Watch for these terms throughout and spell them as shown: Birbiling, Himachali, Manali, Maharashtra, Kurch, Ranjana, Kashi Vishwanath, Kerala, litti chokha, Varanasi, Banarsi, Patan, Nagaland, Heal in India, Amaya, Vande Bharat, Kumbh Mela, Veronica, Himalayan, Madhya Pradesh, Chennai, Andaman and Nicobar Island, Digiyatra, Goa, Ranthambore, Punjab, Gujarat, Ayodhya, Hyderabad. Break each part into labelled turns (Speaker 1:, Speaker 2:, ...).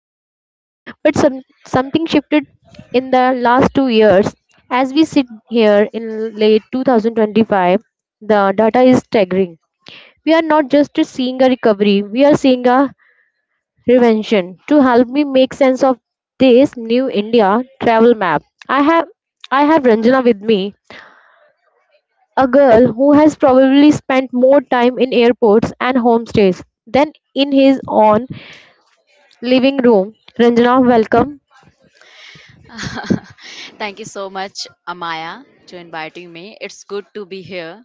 Speaker 1: the pie. But some, Something shifted in the last 2 years. As we sit here in late 2025, the data is staggering. We are not just seeing a recovery, we are seeing a reinvention. To help me make sense of this new India travel map, I have I have Ranjana with me, a girl who has probably spent more time in airports and homestays than in his own living room. Ranjana, welcome.
Speaker 2: Thank you so much, Amaya, to inviting me. It's good to be here,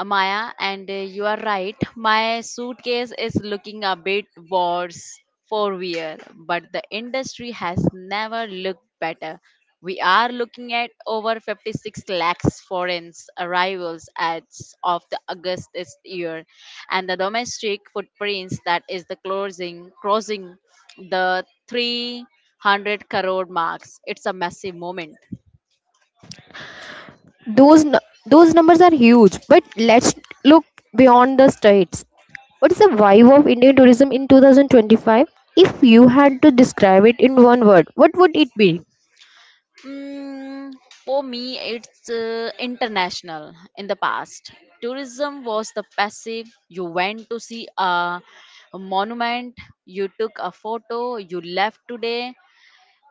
Speaker 2: Amaya. And you are right. My suitcase is looking a bit worse for wear, but the industry has never looked better. We are looking at over 56 lakhs foreign arrivals as of the August this year, and the domestic footprints that is the closing crossing the 300 crore marks. It's a massive moment.
Speaker 1: Those those numbers are huge, but let's look beyond the states. What is the vibe of Indian tourism in 2025? If you had to describe it in one word, what would it be?
Speaker 2: Mm, for me, it's international. In the past, tourism was the passive. You went to see a monument, you took a photo, you left today.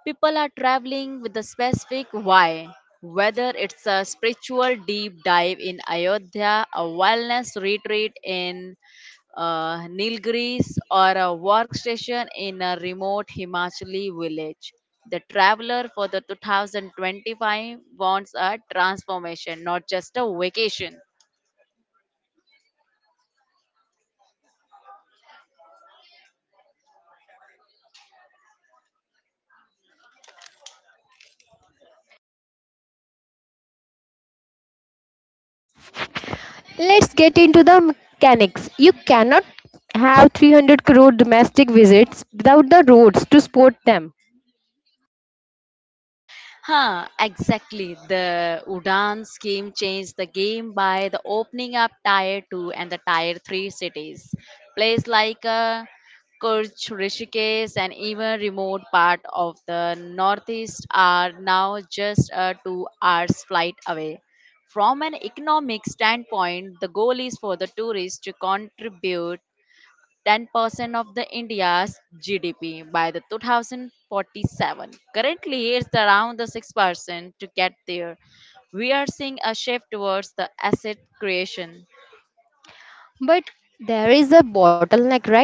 Speaker 2: People are traveling with a specific why, whether it's a spiritual deep dive in Ayodhya, a wellness retreat in Nilgiris, or a workstation in a remote Himachali village. The traveler for the 2025 wants a transformation, not just a vacation.
Speaker 1: Let's get into the mechanics. You cannot have 300 crore domestic visits without the roads to support them.
Speaker 2: Exactly. The Udan scheme changed the game by the opening up Tier 2 and the Tier 3 cities. Places like Kurch, Rishikesh, and even remote part of the northeast are now just a 2 hours flight away. From an economic standpoint, the goal is for the tourists to contribute 10% of the India's GDP by the 2047. Currently, it's around the 6% to get there. We are seeing a shift towards the asset creation.
Speaker 1: But there is a bottleneck, right?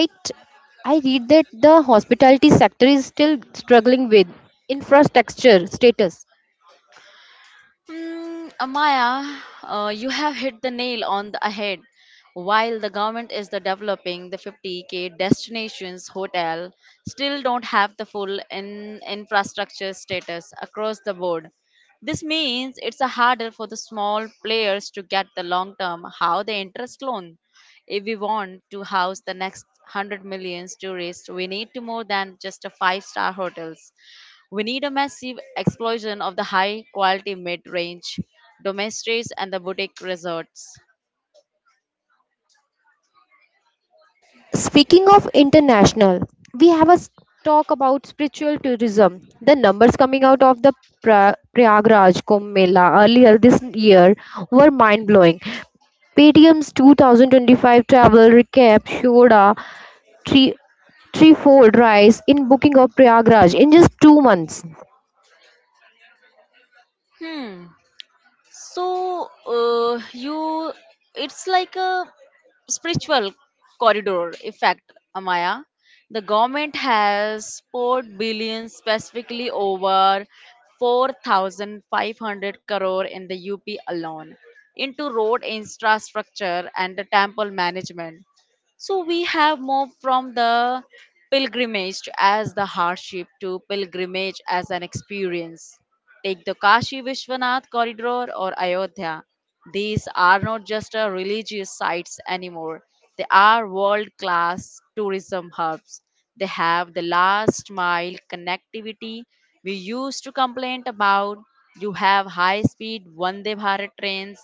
Speaker 1: I read that the hospitality sector is still struggling with infrastructure status.
Speaker 2: Amaya, you have hit the nail on the head. While the government is the developing the 50k destinations hotel, still don't have the full in infrastructure status across the board. This means it's a harder for the small players to get the long term how the interest loan. If we want to house the next 100 million tourists, we need to more than just a five-star hotels. We need a massive explosion of the high quality mid range, domestics, and the boutique resorts.
Speaker 1: Speaking of international, we have a s- talk about spiritual tourism. The numbers coming out of the Prayagraj Kumbh Mela earlier this year were mind blowing. PTM's 2025 travel recap showed a three threefold rise in booking of Prayagraj in just 2 months.
Speaker 2: Hmm. You it's like a spiritual corridor effect, Amaya. The government has poured billions specifically over 4500 crore in the UP alone into road infrastructure and the temple management, so we have moved from the pilgrimage as the hardship to pilgrimage as an experience. Take the Kashi Vishwanath corridor or Ayodhya. These are not just religious sites anymore. They are world class tourism hubs. They have the last mile connectivity we used to complain about. You have high speed Vande Bharat trains,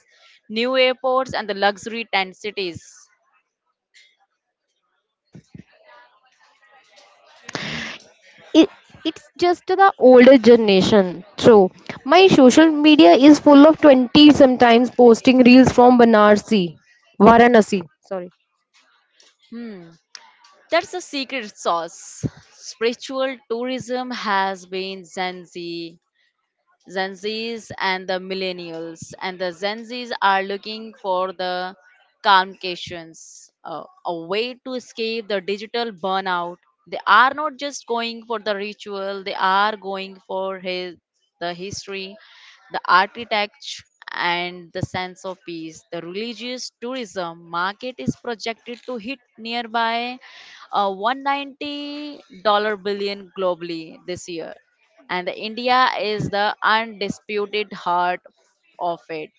Speaker 2: new airports, and the luxury tent cities.
Speaker 1: It, it's just the older generation. So my social media is full of 20 sometimes posting reels from Varanasi. Sorry.
Speaker 2: Hmm. That's the secret sauce. Spiritual tourism has been Zenzi Gen Zs and the millennials. And the Gen Zs are looking for the calmcations, a way to escape the digital burnout. They are not just going for the ritual, they are going for the history, the architecture, and the sense of peace. The religious tourism market is projected to hit nearby a $190 billion globally this year, and India is the undisputed heart of it.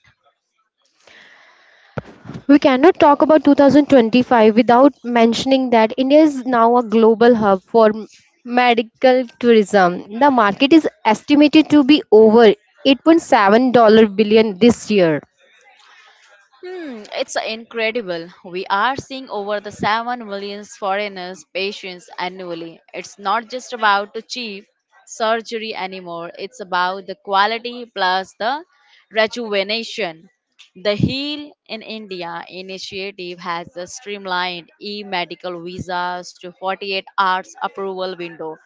Speaker 1: We cannot talk about 2025 without mentioning that India is now a global hub for medical tourism. The market is estimated to be over 8.7 billion this year.
Speaker 2: It's incredible. We are seeing over the 7 million foreigners patients annually. It's not just about the cheap surgery anymore. It's about the quality plus the rejuvenation. The Heal in India initiative has the streamlined e-medical visas to 48 hours approval window.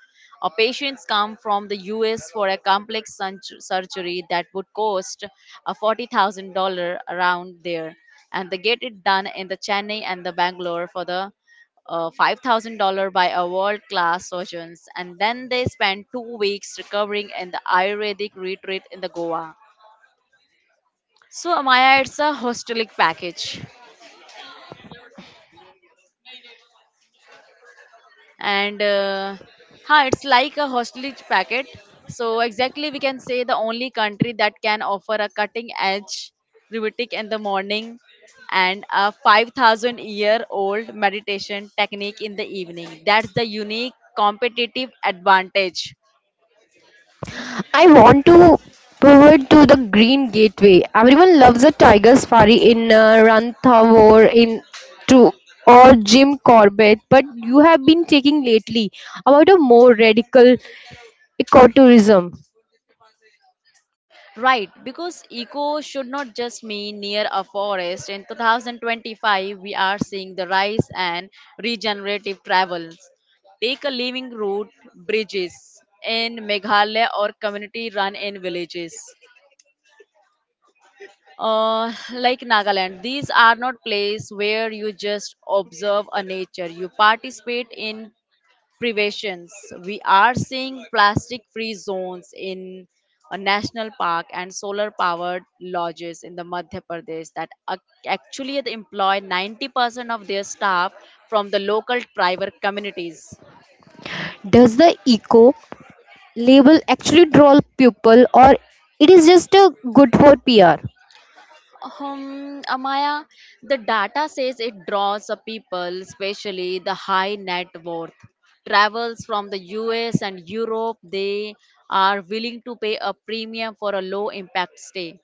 Speaker 2: Or patients come from the US for a complex surgery that would cost a $40,000 around there. And they get it done in the Chennai and the Bangalore for the $5,000 by a world-class surgeons. And then they spend 2 weeks recovering in the Ayurvedic retreat in the Goa. So, Amaya, it's a hostelic package. and uh, it's like a hostage packet. So exactly, we can say the only country that can offer a cutting edge Rivetic in the morning and a 5,000 year old meditation technique in the evening. That's the unique competitive advantage.
Speaker 1: I want to pivot to the Green Gateway. Everyone loves a tiger safari in Ranthambore in to or Jim Corbett, but you have been taking lately about a more radical ecotourism.
Speaker 2: Right, because eco should not just mean near a forest. In 2025, we are seeing the rise and regenerative travels. Take a living route, bridges in Meghalaya or community run in villages. Like Nagaland, these are not places where you just observe a nature. You participate in privations. We are seeing plastic free zones in a national park and solar powered lodges in the Madhya Pradesh that actually employ 90% of their staff from the local tribal communities.
Speaker 1: Does the eco label actually troll people or it is just a good for PR?
Speaker 2: Amaya, the data says it draws a people, especially the high net worth. Travels from the US and Europe, they are willing to pay a premium for a low impact stay.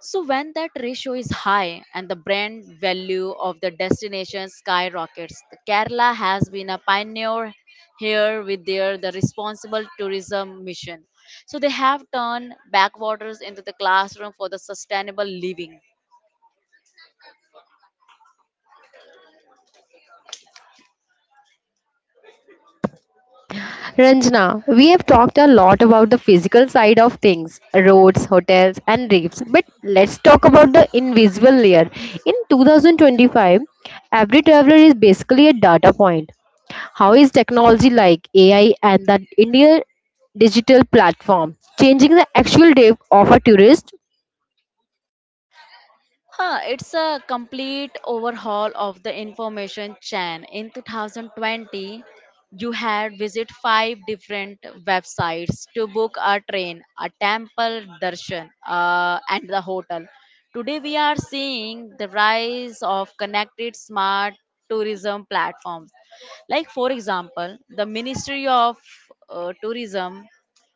Speaker 2: So, when that ratio is high and the brand value of the destination skyrockets, the Kerala has been a pioneer here with the responsible tourism mission. So, they have turned backwaters into the classroom for the sustainable living.
Speaker 1: Ranjana, we have talked a lot about the physical side of things, roads, hotels, and reefs, but let's talk about the invisible layer. In 2025, every traveler is basically a data point. How is technology like AI and the India digital platform changing the actual day of a tourist?
Speaker 2: It's a complete overhaul of the information chain. In 2020, you had visit five different websites to book a train, a temple darshan, and the hotel. Today, we are seeing the rise of connected smart tourism platforms. Like, for example, the Ministry of Tourism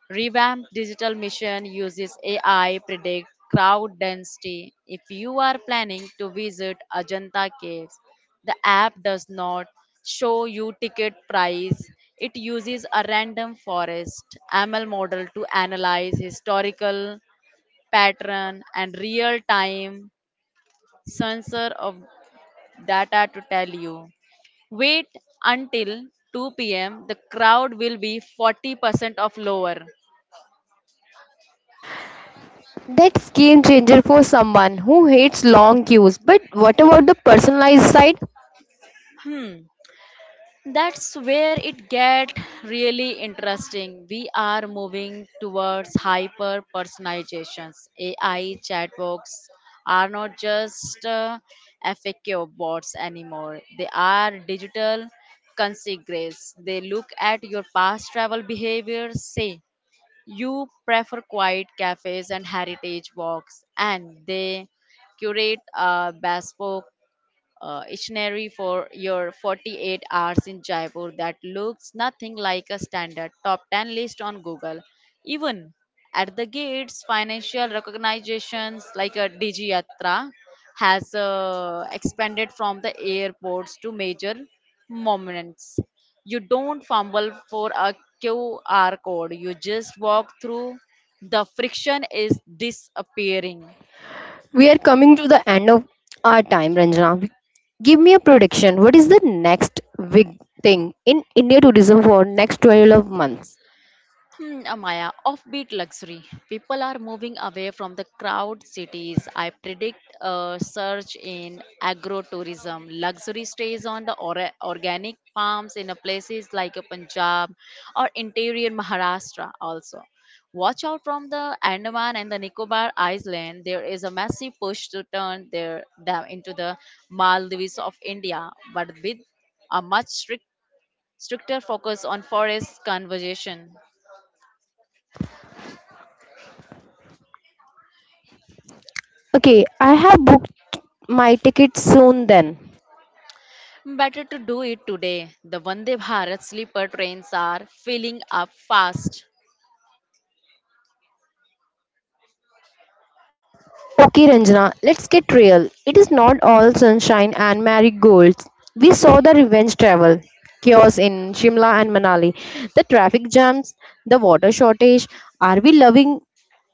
Speaker 2: Revamped Digital Mission uses AI predict crowd density. If you are planning to visit Ajanta Caves, the app does not show you ticket price. It uses a random forest ML model to analyze historical pattern and real-time sensor of data to tell you. Wait until 2 p.m. The crowd will be 40% of lower.
Speaker 1: That's game changer for someone who hates long queues. But what about the personalized side?
Speaker 2: Hmm. That's where it get really interesting. We are moving towards hyper personalizations. AI chatbots are not just FAQ bots anymore. They are digital consigners. They look at your past travel behavior, say you prefer quiet cafes and heritage walks, and they curate a bespoke itinerary for your 48 hours in Jaipur that looks nothing like a standard top 10 list on Google. Even at the gates, financial recognitions like a Digiyatra has expanded from the airports to major monuments. You don't fumble for a QR code, you just walk through. The friction is disappearing.
Speaker 1: We are coming to the end of our time, Ranjana. Give me a prediction. What is the next big thing in India tourism for next 12 months?
Speaker 2: Maya, offbeat luxury. People are moving away from the crowd cities. I predict a surge in agrotourism. Luxury stays on the organic farms in a places like a Punjab or interior Maharashtra also. Watch out from the Andaman and the Nicobar Island. There is a massive push to turn their, them into the Maldives of India, but with a stricter focus on forest conservation.
Speaker 1: Okay, I have booked my ticket soon then.
Speaker 2: Better to do it today. The Vande Bharat sleeper trains are filling up fast.
Speaker 1: Okay, Ranjana, let's get real. It is not all sunshine and marigolds. We saw the revenge travel, chaos in Shimla and Manali, the traffic jams, the water shortage. Are we loving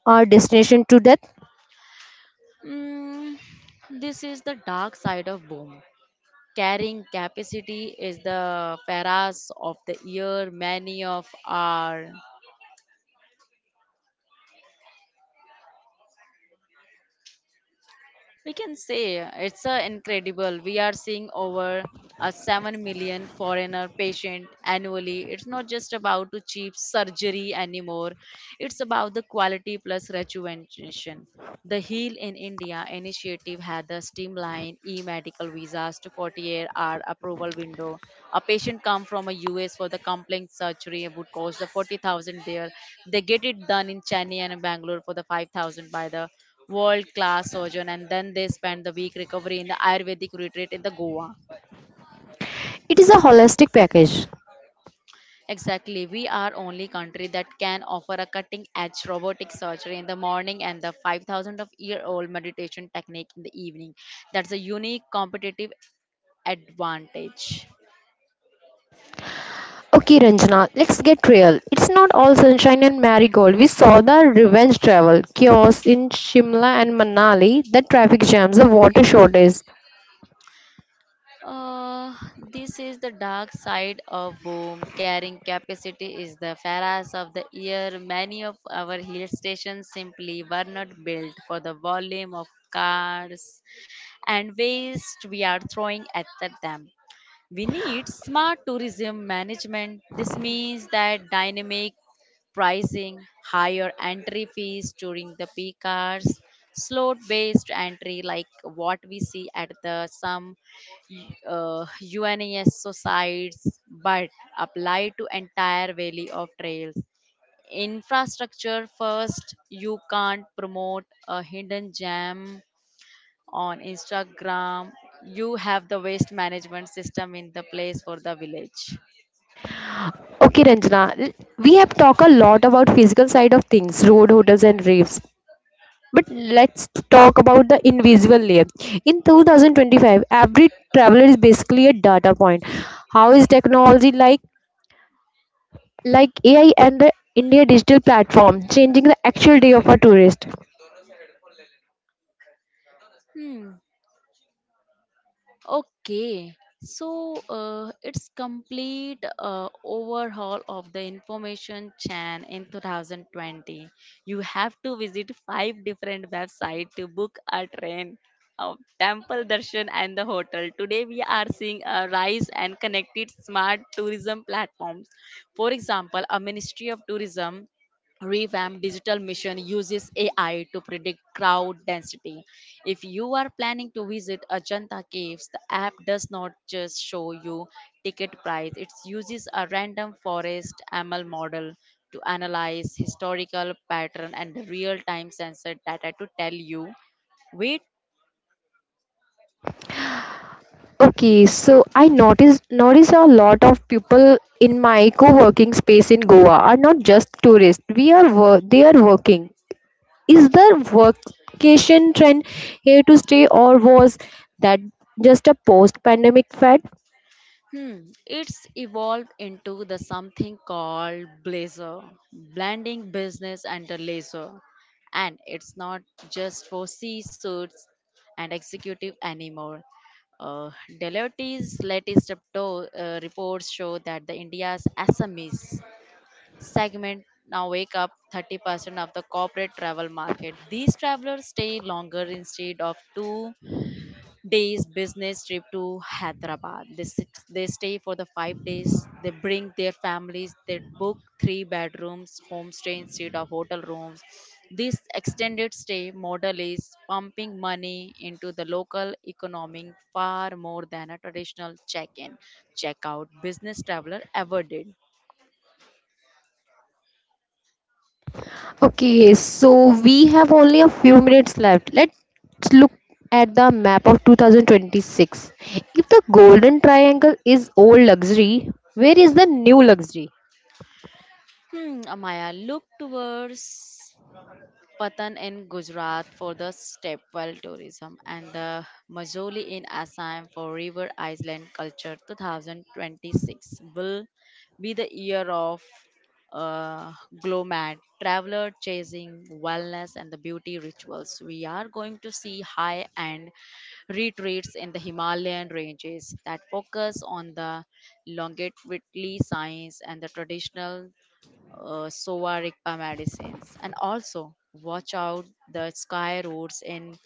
Speaker 1: our destination to death?
Speaker 2: Mm, this is the dark side of boom. Carrying capacity is the pharaohs of the year. Many of our we can say it's incredible. We are seeing over a 7 million foreigner patient annually. It's not just about to cheap surgery anymore. It's about the quality plus rejuvenation. The Heal in India initiative had the streamlined e-medical visas to 48-hour approval window. A patient come from a US for the complex surgery would cost the 40,000 there. They get it done in Chennai and Bangalore for the 5,000 by the world class surgeon, and then they spend the week recovery in the ayurvedic retreat in the goa
Speaker 1: It is a holistic package.
Speaker 2: exactly we are only country that can offer a cutting edge robotic surgery in the morning and the 5000 of year old meditation technique in the evening that's a unique competitive advantage.
Speaker 1: Okay, Ranjana, let's get real. It's not all sunshine and marigold. We saw the revenge travel, chaos in Shimla and Manali, the traffic jams, the water shortage.
Speaker 2: uh, this is the dark side of boom. Carrying capacity is the pharaohs of the year. Many of our hill stations simply were not built for the volume of cars and waste we are throwing at them. We need smart tourism management. This means that dynamic pricing, higher entry fees during the peak hours, slot based entry like what we see at the some UNES sites, but apply to entire valley of trails. Infrastructure first, you can't promote a hidden gem on Instagram, you have the waste management system in the place for the village.
Speaker 1: Okay, we have talked a lot about physical side of things, road, hotels, and raves. But let's talk about the invisible layer. In 2025, every traveler is basically a data point. How is technology like AI and the India digital platform changing the actual day of a tourist?
Speaker 2: Hmm. Okay. It's complete overhaul of the information chain in 2020. You have to visit five different websites to book a train, a temple darshan, and the hotel. Today we are seeing a rise and connected smart tourism platforms. For example, a Ministry of Tourism revamped digital mission uses AI to predict crowd density. If you are planning to visit Ajanta Caves, the app does not just show you ticket price, it uses a random forest ML model to analyze historical pattern and real-time sensor data to tell you wait.
Speaker 1: Okay, so I noticed a lot of people in my co-working space in Goa are not just tourists. We are they are working. Is the vacation trend here to stay, or was that just a post pandemic fad?
Speaker 2: Hmm, it's evolved into the something called blazer, blending business and the leisure. And it's not just for C suits and executive anymore. Uh, Deloitte's latest reports show that the India's SMEs segment now wake up 30% of the corporate travel market. These travelers stay longer instead of 2 days business trip to Hyderabad. They stay for the 5 days. They bring their families. They book 3 bedrooms, homestay instead of hotel rooms. This extended stay model is pumping money into the local economy far more than a traditional check-in, check-out business traveler ever did.
Speaker 1: Okay, so we have only a few minutes left. Let's look at the map of 2026. If the golden triangle is old luxury, where is the new luxury?
Speaker 2: Amaya, look towards Patan in Gujarat for the stepwell tourism, and the Majoli in Assam for River Island Culture. 2026 will be the year of uh, GLOMAD, traveler chasing wellness and the beauty rituals. We are going to see high end retreats in the Himalayan ranges that focus on the longevity science and the traditional Sovarikpa medicines. And also, watch out the sky roads in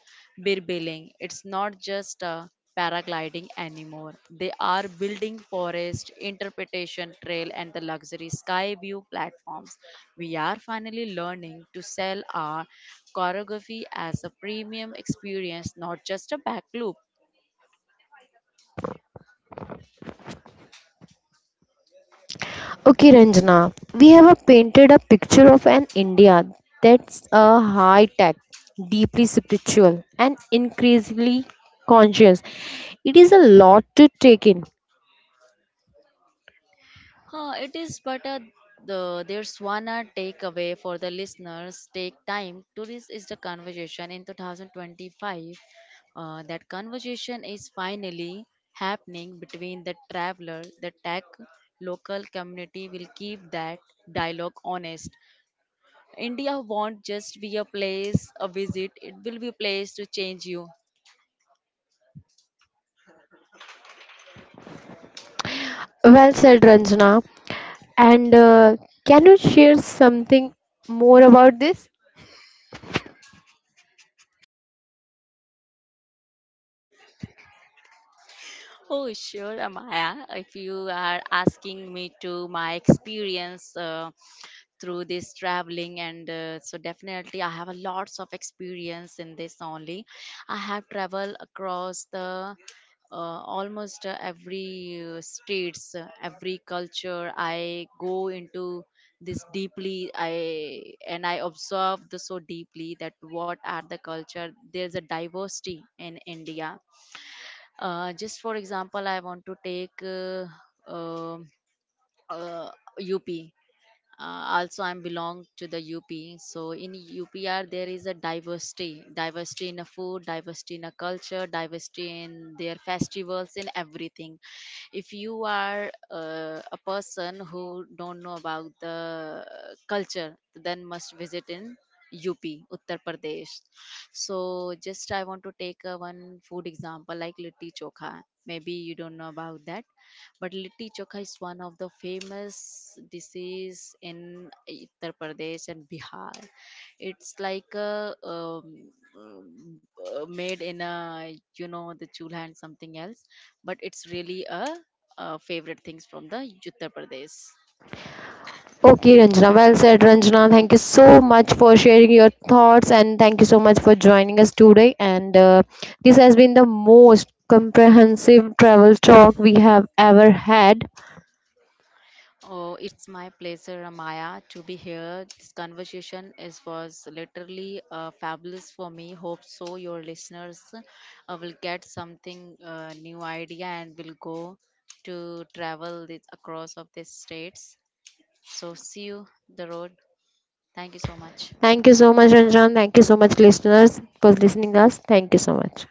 Speaker 2: Birbiling. It's not just paragliding anymore. They are building forest, interpretation trail, and the luxury sky view platforms. We are finally learning to sell our choreography as a premium experience, not just a back loop.
Speaker 1: Okay, Ranjana, we have a painted a picture of an India that's a high tech, deeply spiritual, and increasingly conscious. It is a lot to take in.
Speaker 2: It is, but there's one takeaway for the listeners. Take time. Tourism is the conversation in 2025. That conversation is finally happening between the traveler, the tech, local community will keep that dialogue honest. India won't just be a place, a visit. It will be a place to change you.
Speaker 1: Well said, Ranjana. And can you share something more about this?
Speaker 2: Oh, sure, Amaya. If you are asking me to my experience through this traveling, and so definitely I have a lots of experience in this only. I have traveled across the almost every states, every culture. I go into this deeply. I observe this so deeply that what are the culture? There's a diversity in India, just for example, I want to take um uh, UP. Also, I belong to the UP. So in UPR, there is a diversity, diversity in a food, diversity in a culture, diversity in their festivals, in everything. If you are a person who don't know about the culture, then must visit in UP, Uttar Pradesh. So just I want to take one food example like litti chokha. Maybe you don't know about that. But litti chokha is one of the famous dishes in Uttar Pradesh and Bihar. It's like a made in a you know the chulha and something else, but it's really favorite things from the Uttar Pradesh.
Speaker 1: Okay, Ranjana. Well said, Ranjana. Thank you so much for sharing your thoughts and thank you so much for joining us today. And this has been the most comprehensive travel talk we have ever had.
Speaker 2: Oh, it's my pleasure, Maya, to be here. This conversation is was literally fabulous for me. Hope so your listeners will get something new idea and will go to travel this, across of these states. So see you the road. Thank you so much.
Speaker 1: Thank you so much, Ranjan. Thank you so much, listeners, for listening us. Thank you so much.